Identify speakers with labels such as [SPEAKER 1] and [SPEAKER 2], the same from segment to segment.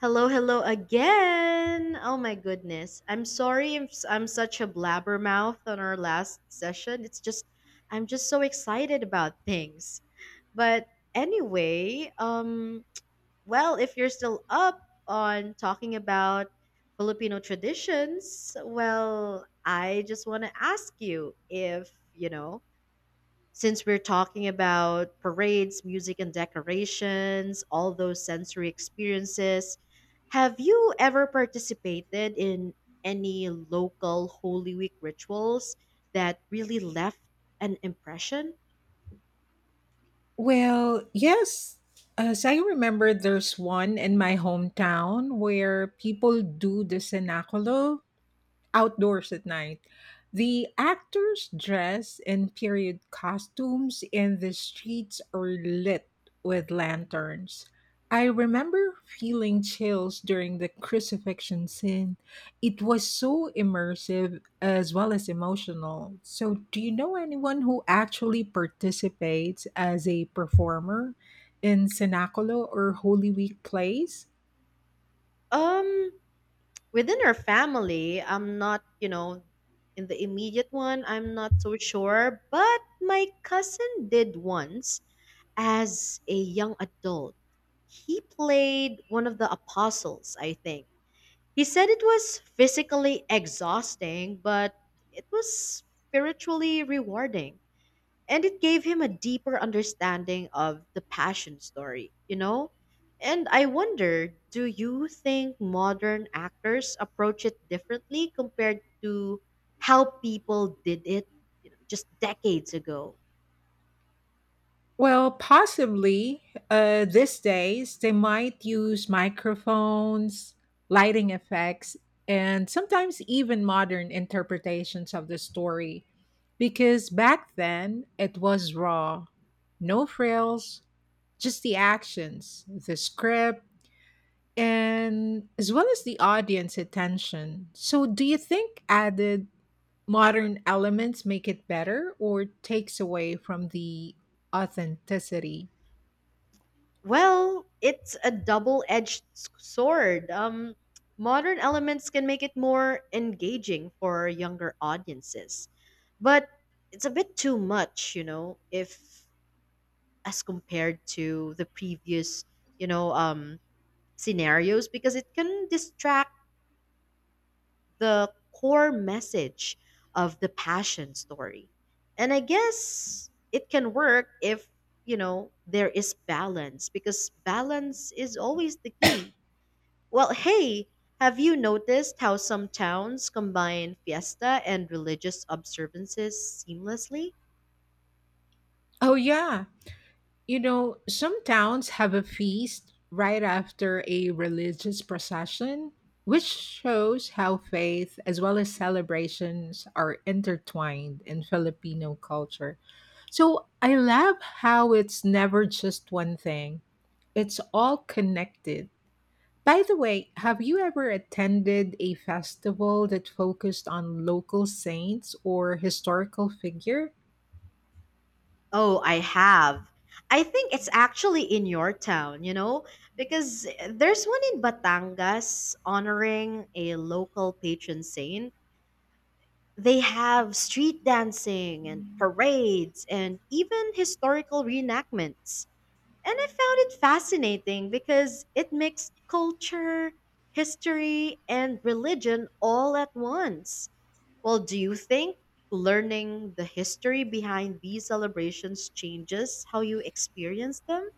[SPEAKER 1] Hello, hello again. Oh my goodness. I'm sorry if I'm such a blabbermouth on our last session. It's just I'm just so excited about things. But anyway, well, if you're still up on talking about Filipino traditions, well, I just want to ask you if, you know, since we're talking about parades, music, and decorations, all those sensory experiences, have you ever participated in any local Holy Week rituals that really left an impression?
[SPEAKER 2] Well, yes. As I remember, there's one in my hometown where people do the cenaculo outdoors at night. The actors dress in period costumes and the streets are lit with lanterns. I remember feeling chills during the crucifixion scene. It was so immersive as well as emotional. So, do you know anyone who actually participates as a performer in Cenaculo or Holy Week plays?
[SPEAKER 1] Um, within our family, I'm not, you know, in the immediate one, I'm not so sure, but my cousin did once as a young adult. He played one of the apostles, I think. He said it was physically exhausting, but it was spiritually rewarding and it gave him a deeper understanding of the passion story, you know? And I wonder, do you think modern actors approach it differently compared to how people did it, you know, just decades ago?
[SPEAKER 2] Well, possibly these days they might use microphones, lighting effects, and sometimes even modern interpretations of the story. Because back then it was raw, no frills, just the actions, the script, and as well as the audience attention. So, do you think added modern elements make it better or takes away from the authenticity?
[SPEAKER 1] Well, it's a double-edged sword. Modern elements can make it more engaging for younger audiences, but it's a bit too much, you know, if as compared to the previous, you know, scenarios because it can distract the core message of the passion story. And I guess it can work if, you know, there is balance because balance is always the key. Well, hey, have you noticed how some towns combine fiesta and religious observances seamlessly?
[SPEAKER 2] Oh, yeah. You know, some towns have a feast right after a religious procession, which shows how faith as well as celebrations are intertwined in Filipino culture. So I love how it's never just one thing, it's all connected. By the way, have you ever attended a festival that focused on local saints or historical figure?
[SPEAKER 1] Oh, I have. I think it's actually in your town, you know, because there's one in Batangas honoring a local patron saint. They have street dancing and parades and even historical reenactments. And I found it fascinating because it mixed culture, history, and religion all at once. Well, do you think learning the history behind these celebrations changes how you experience them?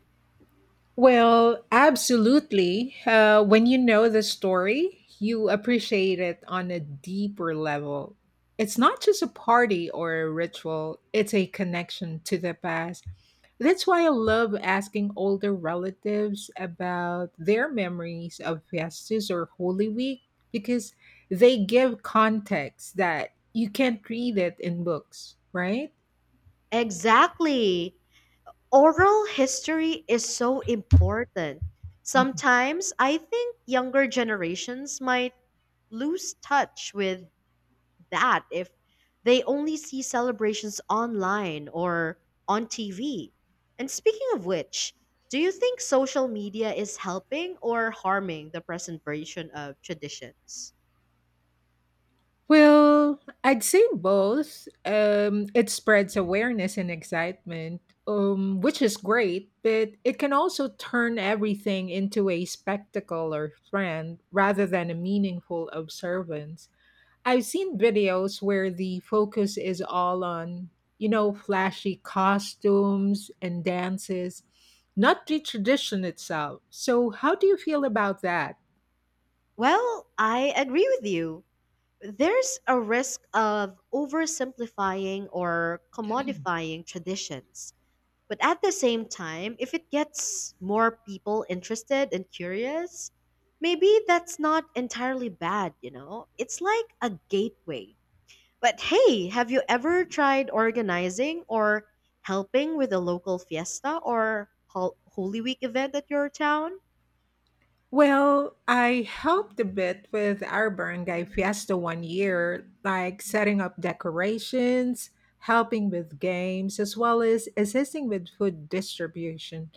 [SPEAKER 2] Well, absolutely. When you know the story, you appreciate it on a deeper level. It's not just a party or a ritual, it's a connection to the past. That's why I love asking older relatives about their memories of Festus or Holy Week because they give context that you can't read it in books, right?
[SPEAKER 1] Exactly. Oral history is so important. Sometimes I think younger generations might lose touch with that if they only see celebrations online or on TV. And speaking of which, do you think social media is helping or harming the preservation of traditions?
[SPEAKER 2] Well, I'd say both. It spreads awareness and excitement, which is great, but it can also turn everything into a spectacle or trend rather than a meaningful observance. I've seen videos where the focus is all on, you know, flashy costumes and dances, not the tradition itself. So, how do you feel about that?
[SPEAKER 1] Well, I agree with you. There's a risk of oversimplifying or commodifying traditions. But at the same time, if it gets more people interested and curious, maybe that's not entirely bad, you know? It's like a gateway. But hey, have you ever tried organizing or helping with a local fiesta or Holy Week event at your town?
[SPEAKER 2] Well, I helped a bit with our barangay fiesta 1 year, like setting up decorations, helping with games, as well as assisting with food distribution.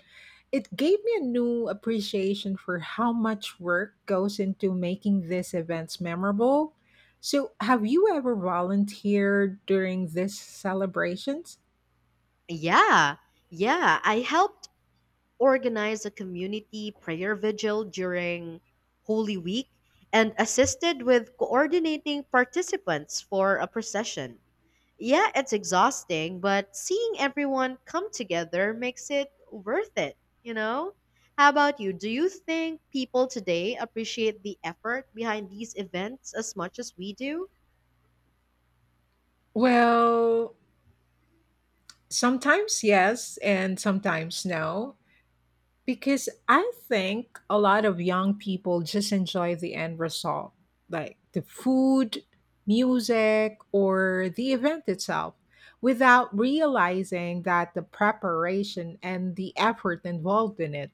[SPEAKER 2] It gave me a new appreciation for how much work goes into making these events memorable. So, have you ever volunteered during these celebrations?
[SPEAKER 1] Yeah, yeah. I helped organized a community prayer vigil during Holy Week and assisted with coordinating participants for a procession. Yeah, it's exhausting, but seeing everyone come together makes it worth it, you know? How about you? Do you think people today appreciate the effort behind these events as much as we do?
[SPEAKER 2] Well, sometimes yes, and sometimes no. Because I think a lot of young people just enjoy the end result, like the food, music, or the event itself, without realizing that the preparation and the effort involved in it.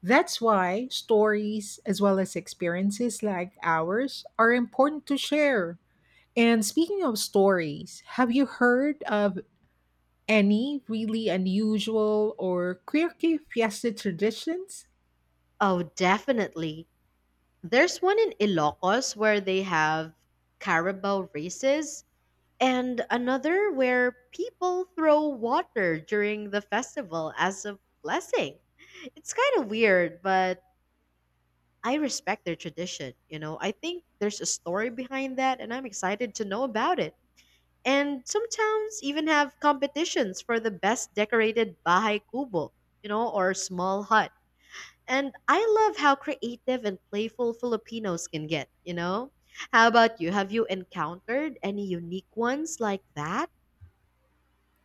[SPEAKER 2] That's why stories, as well as experiences like ours, are important to share. And speaking of stories, have you heard of any really unusual or quirky fiesta traditions?
[SPEAKER 1] Oh, definitely. There's one in Ilocos where they have carabao races, and another where people throw water during the festival as a blessing. It's kind of weird, but I respect their tradition. You know, I think there's a story behind that, and I'm excited to know about it. And some towns even have competitions for the best decorated bahay kubo, you know, or small hut. And I love how creative and playful Filipinos can get, you know? How about you? Have you encountered any unique ones like that?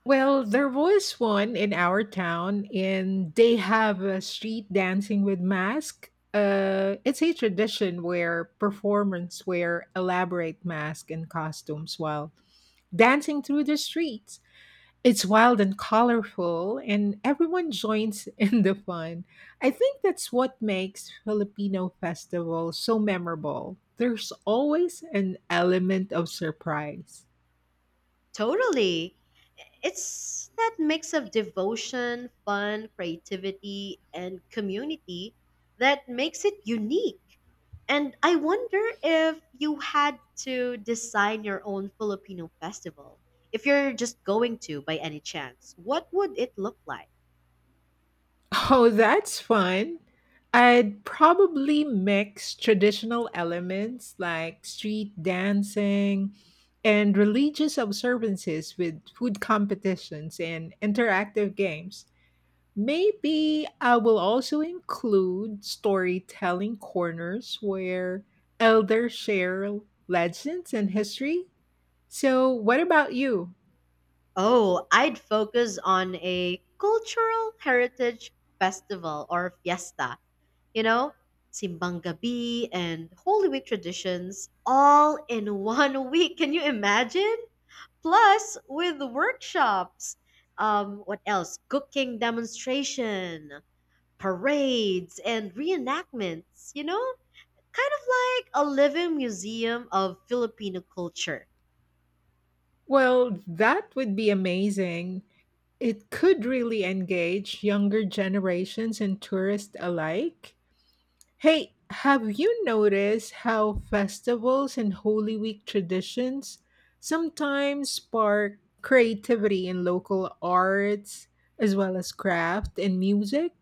[SPEAKER 2] Well, there was one in our town, and they have a street dancing with mask. It's a tradition where performers wear elaborate masks and costumes while dancing through the streets. It's wild and colorful, and everyone joins in the fun. I think that's what makes Filipino festivals so memorable. There's always an element of surprise.
[SPEAKER 1] Totally. It's that mix of devotion, fun, creativity, and community that makes it unique. And I wonder if you had to design your own Filipino festival. If you're just going to by any chance, what would it look like?
[SPEAKER 2] Oh, that's fun. I'd probably mix traditional elements like street dancing and religious observances with food competitions and interactive games. Maybe I will also include storytelling corners where elders share legends and history. So, what about you?
[SPEAKER 1] Oh, I'd focus on a cultural heritage festival or fiesta. You know, Simbang Gabi and Holy Week traditions all in one week. Can you imagine? Plus, with workshops. What else? Cooking demonstration, parades, and reenactments. You know, kind of like a living museum of Filipino culture.
[SPEAKER 2] Well, that would be amazing. It could really engage younger generations and tourists alike. Hey, have you noticed how festivals and Holy Week traditions sometimes spark creativity in local arts as well as craft and music?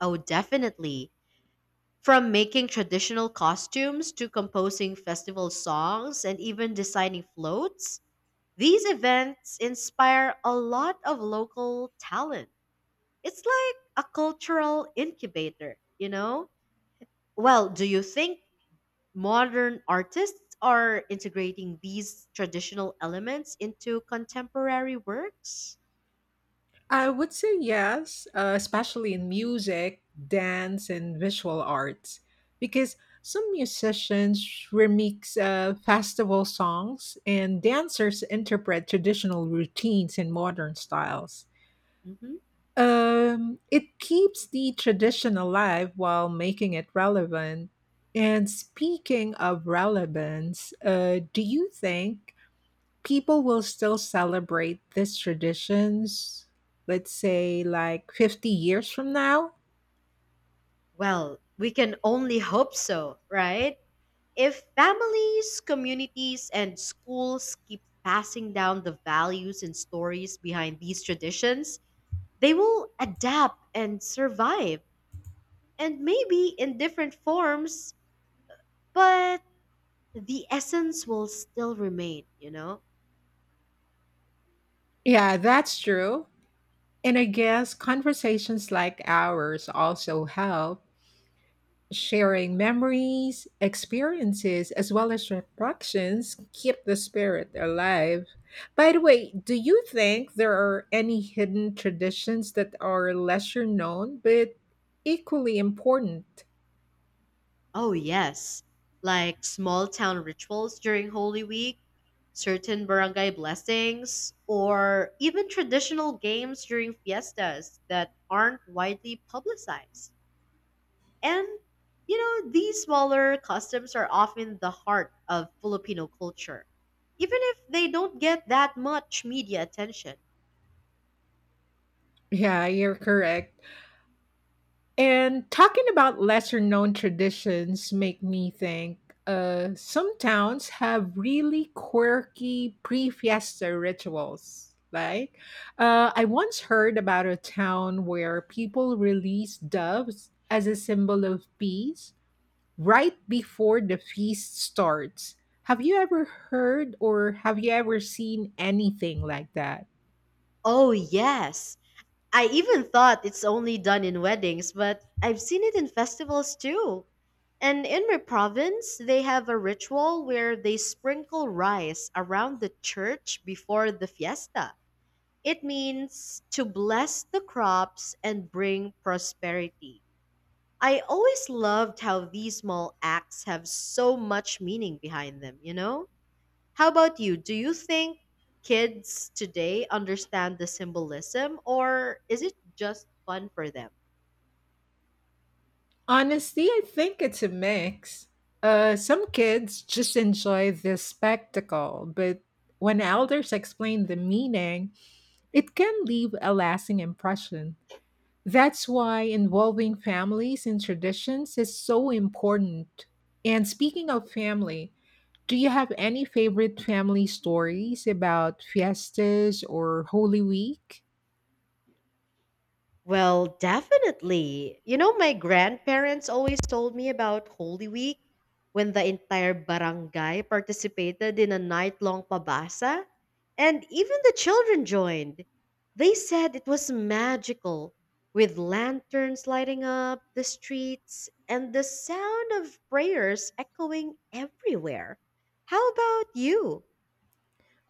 [SPEAKER 1] Oh, definitely. From making traditional costumes to composing festival songs and even designing floats, these events inspire a lot of local talent. It's like a cultural incubator, you know? Well, do you think modern artists are integrating these traditional elements into contemporary works?
[SPEAKER 2] I would say yes, especially in music, dance, and visual arts, because some musicians remix festival songs and dancers interpret traditional routines in modern styles.
[SPEAKER 1] Hmm.
[SPEAKER 2] It keeps the tradition alive while making it relevant. And speaking of relevance, do you think people will still celebrate these traditions, let's say like 50 years from now?
[SPEAKER 1] Well, we can only hope so, right? If families, communities, and schools keep passing down the values and stories behind these traditions, they will adapt and survive, and maybe in different forms, but the essence will still remain, you know?
[SPEAKER 2] Yeah, that's true. And I guess conversations like ours also help. Sharing memories, experiences, as well as reflections keep the spirit alive. By the way, do you think there are any hidden traditions that are lesser known but equally important?
[SPEAKER 1] Oh, yes. Like small town rituals during Holy Week, certain barangay blessings, or even traditional games during fiestas that aren't widely publicized. And, you know, these smaller customs are often the heart of Filipino culture, even if they don't get that much media attention.
[SPEAKER 2] Yeah, you're correct. And talking about lesser known traditions make me think some towns have really quirky pre fiesta rituals. Like, I once heard about a town where people release doves as a symbol of peace right before the feast starts. Have you ever heard or have you ever seen anything like that?
[SPEAKER 1] Oh, yes. I even thought it's only done in weddings, but I've seen it in festivals too. And in my province, they have a ritual where they sprinkle rice around the church before the fiesta. It means to bless the crops and bring prosperity. I always loved how these small acts have so much meaning behind them, you know? How about you? Do you think kids today understand the symbolism or is it just fun for them?
[SPEAKER 2] Honestly, I think it's a mix. Some kids just enjoy the spectacle, but when elders explain the meaning, it can leave a lasting impression. That's why involving families in traditions is so important. And speaking of family, do you have any favorite family stories about fiestas or Holy Week?
[SPEAKER 1] Well, definitely. You know, my grandparents always told me about Holy Week when the entire barangay participated in a night long pabasa, and even the children joined. They said it was magical, with lanterns lighting up the streets and the sound of prayers echoing everywhere. How about you?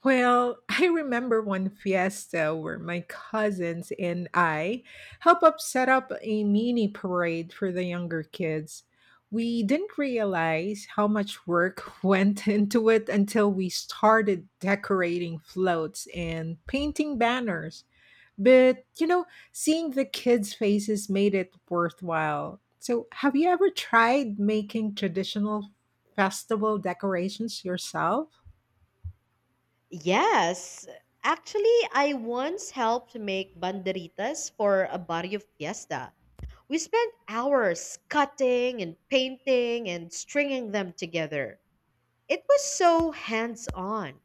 [SPEAKER 2] Well, I remember one fiesta where my cousins and I helped up set up a mini parade for the younger kids. We didn't realize how much work went into it until we started decorating floats and painting banners. But, you know, seeing the kids' faces made it worthwhile. So, have you ever tried making traditional festival decorations yourself?
[SPEAKER 1] Yes. Actually, I once helped make banderitas for a barrio fiesta. We spent hours cutting and painting and stringing them together. It was so hands on.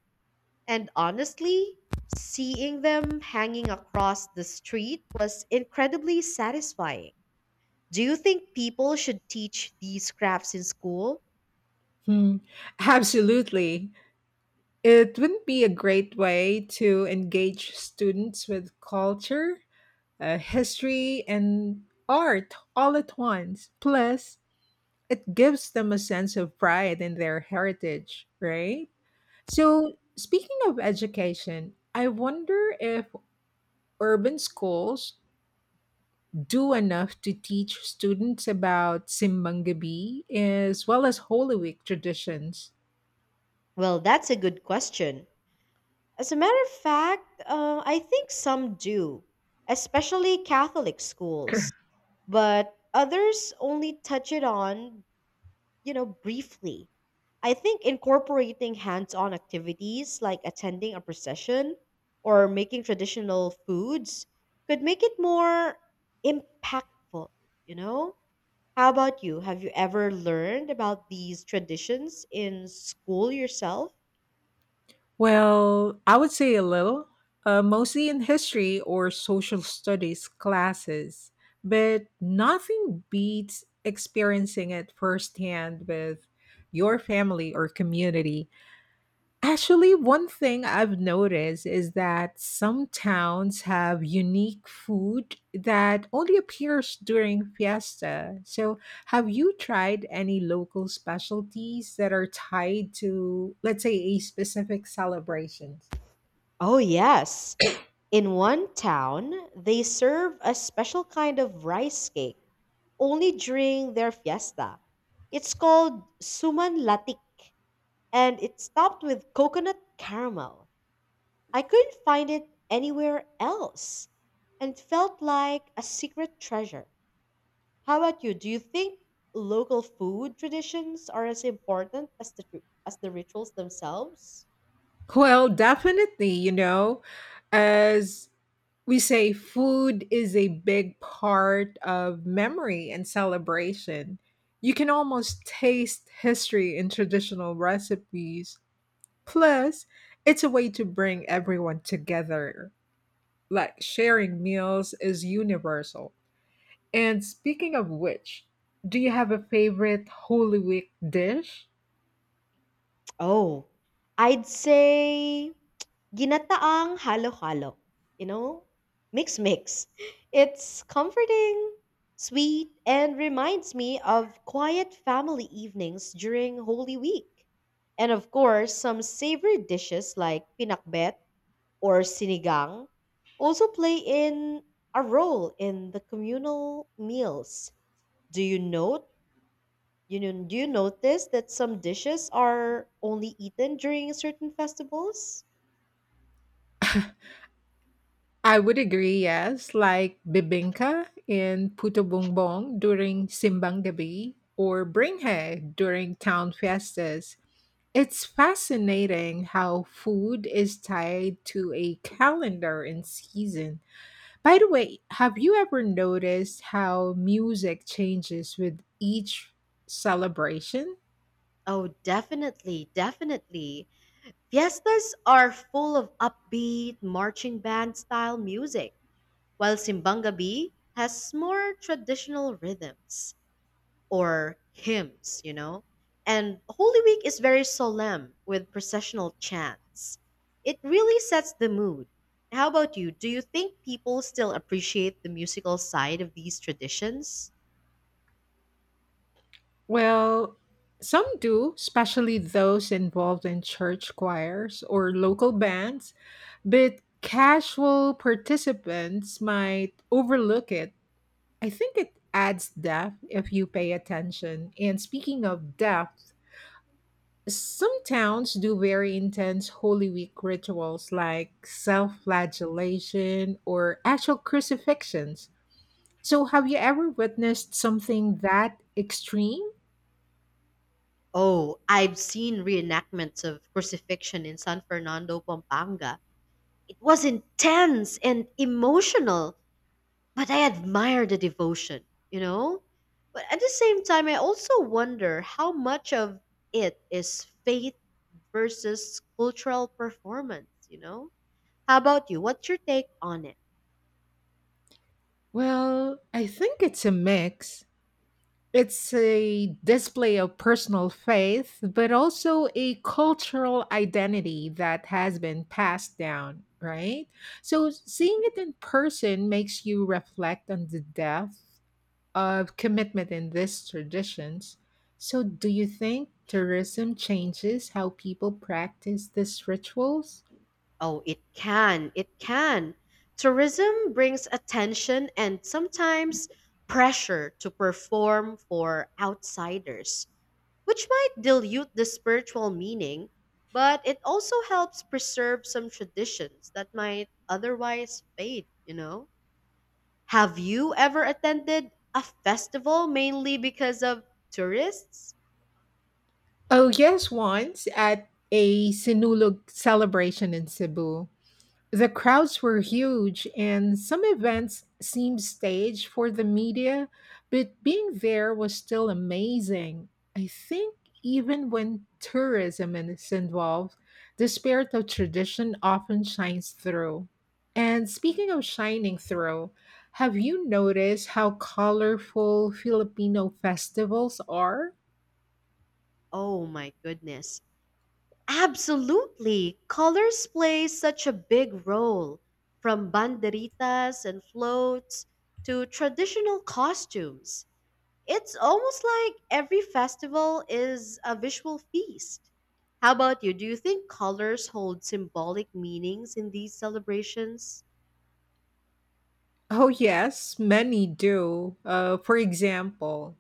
[SPEAKER 1] And honestly, seeing them hanging across the street was incredibly satisfying. Do you think people should teach these crafts in school?
[SPEAKER 2] Hmm, absolutely. It wouldn't be a great way to engage students with culture, history, and art all at once. Plus, it gives them a sense of pride in their heritage, right? So, speaking of education, I wonder if urban schools do enough to teach students about Simbang Gabi as well as Holy Week traditions.
[SPEAKER 1] Well, that's a good question. As a matter of fact, I think some do, especially Catholic schools, but others only touch it on, you know, briefly. I think incorporating hands on activities like attending a procession or making traditional foods could make it more impactful, you know? How about you? Have you ever learned about these traditions in school yourself?
[SPEAKER 2] Well, I would say a little, mostly in history or social studies classes, but nothing beats experiencing it firsthand with your family or community. Actually, one thing I've noticed is that some towns have unique food that only appears during fiesta. So, have you tried any local specialties that are tied to, let's say, a specific celebration?
[SPEAKER 1] Oh, yes. In one town, they serve a special kind of rice cake only during their fiesta. It's called Suman Latik and it's topped with coconut caramel. I couldn't find it anywhere else and felt like a secret treasure. How about you? Do you think local food traditions are as important as the rituals themselves?
[SPEAKER 2] Well, definitely, you know, as we say food is a big part of memory and celebration. You can almost taste history in traditional recipes. Plus, it's a way to bring everyone together. Like sharing meals is universal. And speaking of which, do you have a favorite Holy Week dish?
[SPEAKER 1] Oh, I'd say ginataang halo-halo. You know, mix mix. It's comforting, sweet, and reminds me of quiet family evenings during Holy Week. And of course, some savory dishes like pinakbet or sinigang also play in a role in the communal meals. Do you note you know, do you notice that some dishes are only eaten during certain festivals?
[SPEAKER 2] I would agree, yes, like bibingka in Puto Bumbong during Simbang Gabi or Bringhe during town fiestas. It's fascinating how food is tied to a calendar and season. By the way, have you ever noticed how music changes with each celebration?
[SPEAKER 1] Oh, definitely, definitely. Fiestas are full of upbeat, marching band style music, while simbang Gabi has more traditional rhythms. Or hymns, you know? And Holy Week is very solemn with processional chants. It really sets the mood. How about you? Do you think people still appreciate the musical side of these traditions?
[SPEAKER 2] Well, some do, especially those involved in church choirs or local bands. But casual participants might overlook it. I think it adds depth if you pay attention. And speaking of depth, some towns do very intense Holy Week rituals like self flagellation or actual crucifixions. So, have you ever witnessed something that extreme?
[SPEAKER 1] Oh, I've seen reenactments of crucifixion in San Fernando, Pampanga. It was intense and emotional. But I admire the devotion, you know? But at the same time, I also wonder how much of it is faith versus cultural performance, you know? How about you? What's your take on it?
[SPEAKER 2] Well, I think it's a mix. It's a display of personal faith, but also a cultural identity that has been passed down, right? So seeing
[SPEAKER 1] Mm-hmm.
[SPEAKER 2] it in person makes you reflect on the depth of commitment in these traditions. So, do you think tourism changes how people practice these rituals?
[SPEAKER 1] Oh, it can. It can. Tourism brings attention and sometimes pressure to perform for outsiders, which might dilute the spiritual meaning, but it also helps preserve some traditions that might otherwise fade, you know? Have you ever attended a festival mainly because of tourists?
[SPEAKER 2] Oh, yes, once at a Sinulog celebration in Cebu. The crowds were huge, and some events seemed staged for the media, but being there was still amazing. I think even when tourism is involved, the spirit of tradition often shines through. And speaking of shining through, have you noticed how colorful Filipino festivals are?
[SPEAKER 1] Oh my goodness. Absolutely. Colors play such a big role, from banderitas and floats to traditional costumes. It's almost like every festival is a visual feast. How about you? Do you think colors hold symbolic meanings in these celebrations?
[SPEAKER 2] Oh, yes, many do. For example,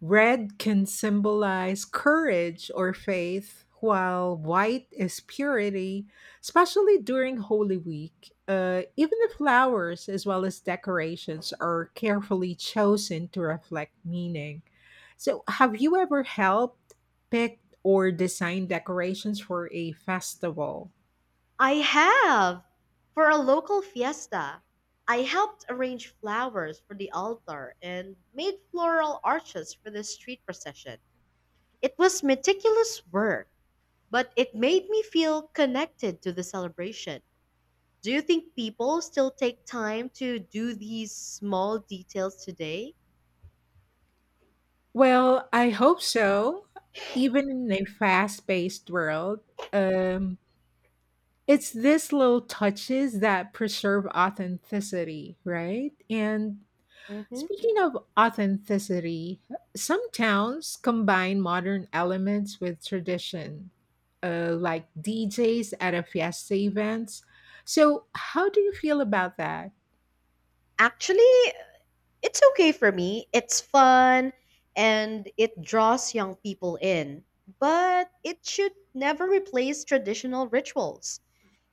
[SPEAKER 2] red can symbolize courage or faith, while white is purity, especially during Holy Week. Even the flowers, as well as decorations, are carefully chosen to reflect meaning. So, have you ever helped pick or design decorations for a festival?
[SPEAKER 1] I have! For a local fiesta, I helped arrange flowers for the altar and made floral arches for the street procession. It was meticulous work, but it made me feel connected to the celebration. Do you think people still take time to do these small details today?
[SPEAKER 2] Well, I hope so. Even in a fast paced world, um, it's these little touches that preserve authenticity, right? And
[SPEAKER 1] Hmm.
[SPEAKER 2] speaking of authenticity, some towns combine modern elements with tradition, like DJs at a fiesta events. So, how do you feel about that?
[SPEAKER 1] Actually, it's okay for me. It's fun and it draws young people in. But it should never replace traditional rituals.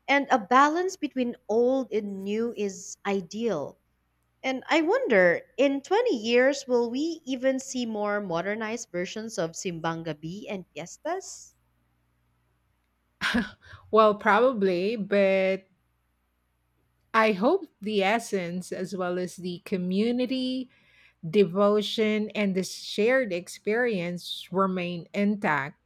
[SPEAKER 1] And a balance between old and new is ideal. And I wonder, in 20 years, will we even see more modernized versions of Simbang Gabi and fiestas?
[SPEAKER 2] Well, probably, but I hope the essence as well as the community devotion, and the shared experience remain intact.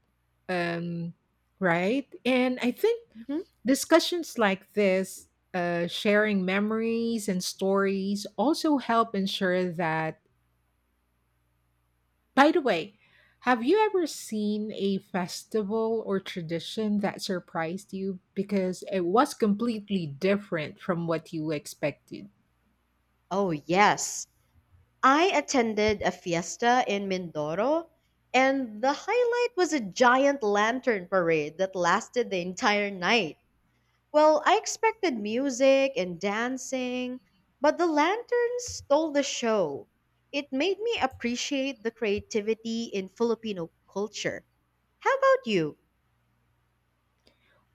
[SPEAKER 2] Um, right? And I think
[SPEAKER 1] Mhm.
[SPEAKER 2] discussions like this, sharing memories and stories, also help ensure that. By the way, have you ever seen a festival or tradition that surprised you because it was completely different from what you expected?
[SPEAKER 1] Oh, yes. I attended a fiesta in Mindoro, and the highlight was a giant lantern parade that lasted the entire night. Well, I expected music and dancing, but the lanterns stole the show. It made me appreciate the creativity in Filipino culture. How about you?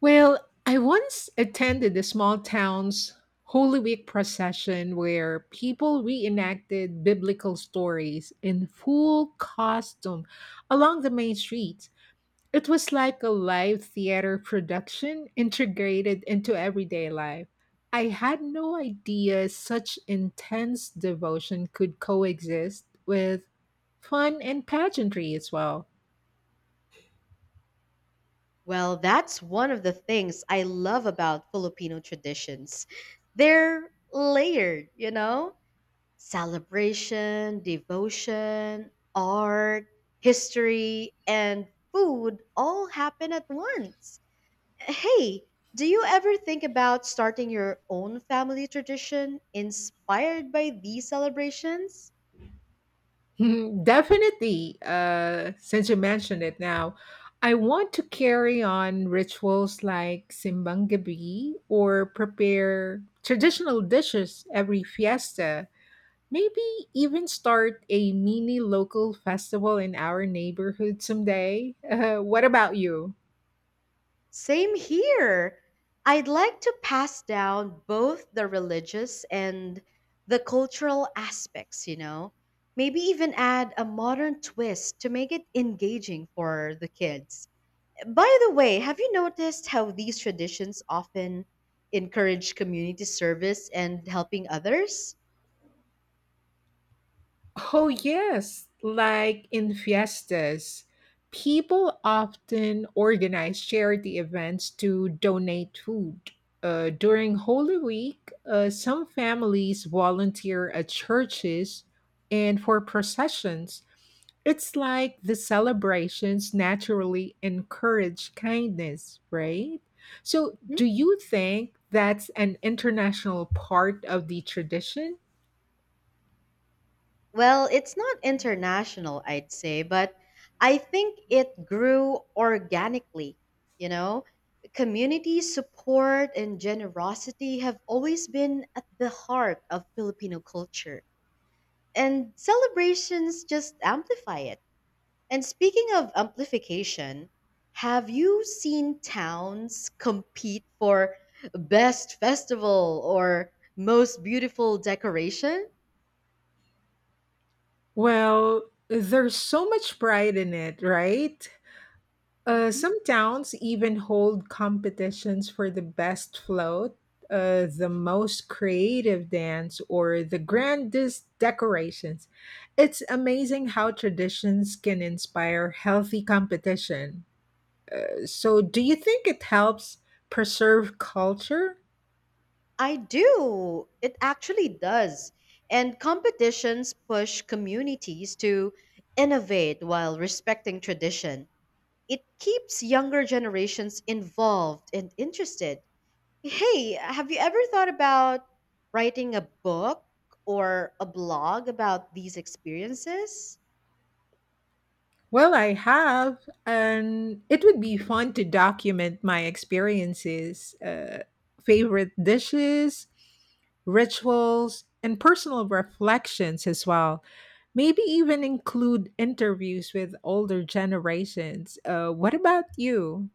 [SPEAKER 2] Well, I once attended a small town's Holy Week procession where people reenacted biblical stories in full costume along the main street. It was like a live theater production integrated into everyday life. I had no idea such intense devotion could coexist with fun and pageantry as well.
[SPEAKER 1] Well, that's one of the things I love about Filipino traditions. They're layered, you know? Celebration, devotion, art, history, and food all happen at once. Hey, do you ever think about starting your own family tradition inspired by these celebrations?
[SPEAKER 2] Hmm, definitely. Since you mentioned it now, I want to carry on rituals like Simbang Gabi or prepare traditional dishes every fiesta. Maybe even start a mini local festival in our neighborhood someday. What about you?
[SPEAKER 1] Same here. I'd like to pass down both the religious and the cultural aspects, you know. Maybe even add a modern twist to make it engaging for the kids. By the way, have you noticed how these traditions often encourage community service and helping others?
[SPEAKER 2] Oh, yes. Like in fiestas, people often organize charity events to donate food. During Holy Week, some families volunteer at churches and for processions. It's like the celebrations naturally encourage kindness, right? So,
[SPEAKER 1] Mhm.
[SPEAKER 2] do you think that's an international part of the tradition?
[SPEAKER 1] Well, it's not international, I'd say, but I think it grew organically. You know, community support and generosity have always been at the heart of Filipino culture, and celebrations just amplify it. And speaking of amplification, have you seen towns compete for best festival or most beautiful decoration?
[SPEAKER 2] Well, there's so much pride in it, right?
[SPEAKER 1] Mhm.
[SPEAKER 2] Some towns even hold competitions for the best float, the most creative dance, or the grandest decorations. It's amazing how traditions can inspire healthy competition. So, do you think it helps preserve culture?
[SPEAKER 1] I do. It actually does. And competitions push communities to innovate while respecting tradition. It keeps younger generations involved and interested. Hey, have you ever thought about writing a book or a blog about these experiences?
[SPEAKER 2] Well, I have, and it would be fun to document my experiences, favorite dishes, rituals, and personal reflections as well. Maybe even include interviews with older generations. What about you?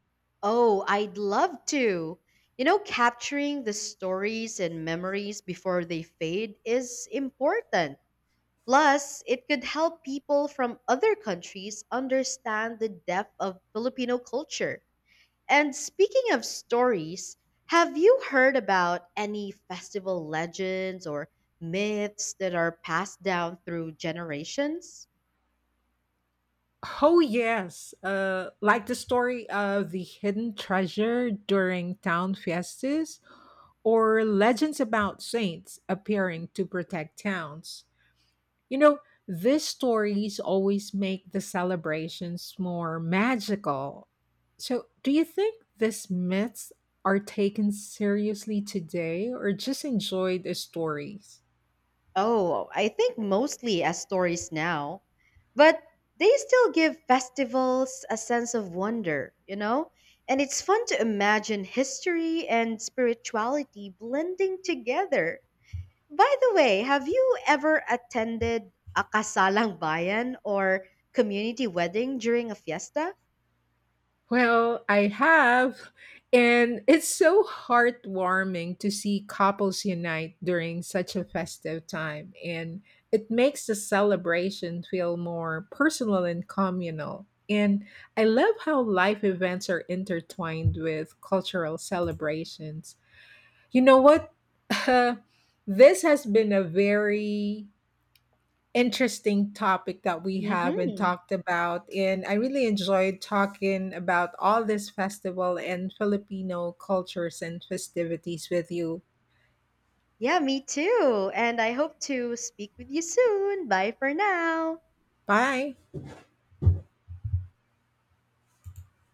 [SPEAKER 1] Oh, I'd love to. You know, capturing the stories and memories before they fade is important. Plus, it could help people from other countries understand the depth of Filipino culture. And speaking of stories, have you heard about any festival legends or myths that are passed down through generations?
[SPEAKER 2] Oh, yes. Like the story of the hidden treasure during town fiestas or legends about saints appearing to protect towns. You know, these stories always make the celebrations more magical. So, do you think these myths are taken seriously today or just enjoyed as stories?
[SPEAKER 1] Oh, I think mostly as stories now. But they still give festivals a sense of wonder, you know? And it's fun to imagine history and spirituality blending together. By the way, have you ever attended a kasalang bayan or community wedding during a fiesta?
[SPEAKER 2] Well, I have. And it's so heartwarming to see couples unite during such a festive time. And it makes the celebration feel more personal and communal. And I love how life events are intertwined with cultural celebrations. You know what? This has been a very interesting topic that we have and
[SPEAKER 1] Hmm.
[SPEAKER 2] talked about. And I really enjoyed talking about all this festival and Filipino cultures and festivities with you.
[SPEAKER 1] Yeah, me too. And I hope to speak with you soon. Bye for now.
[SPEAKER 2] Bye.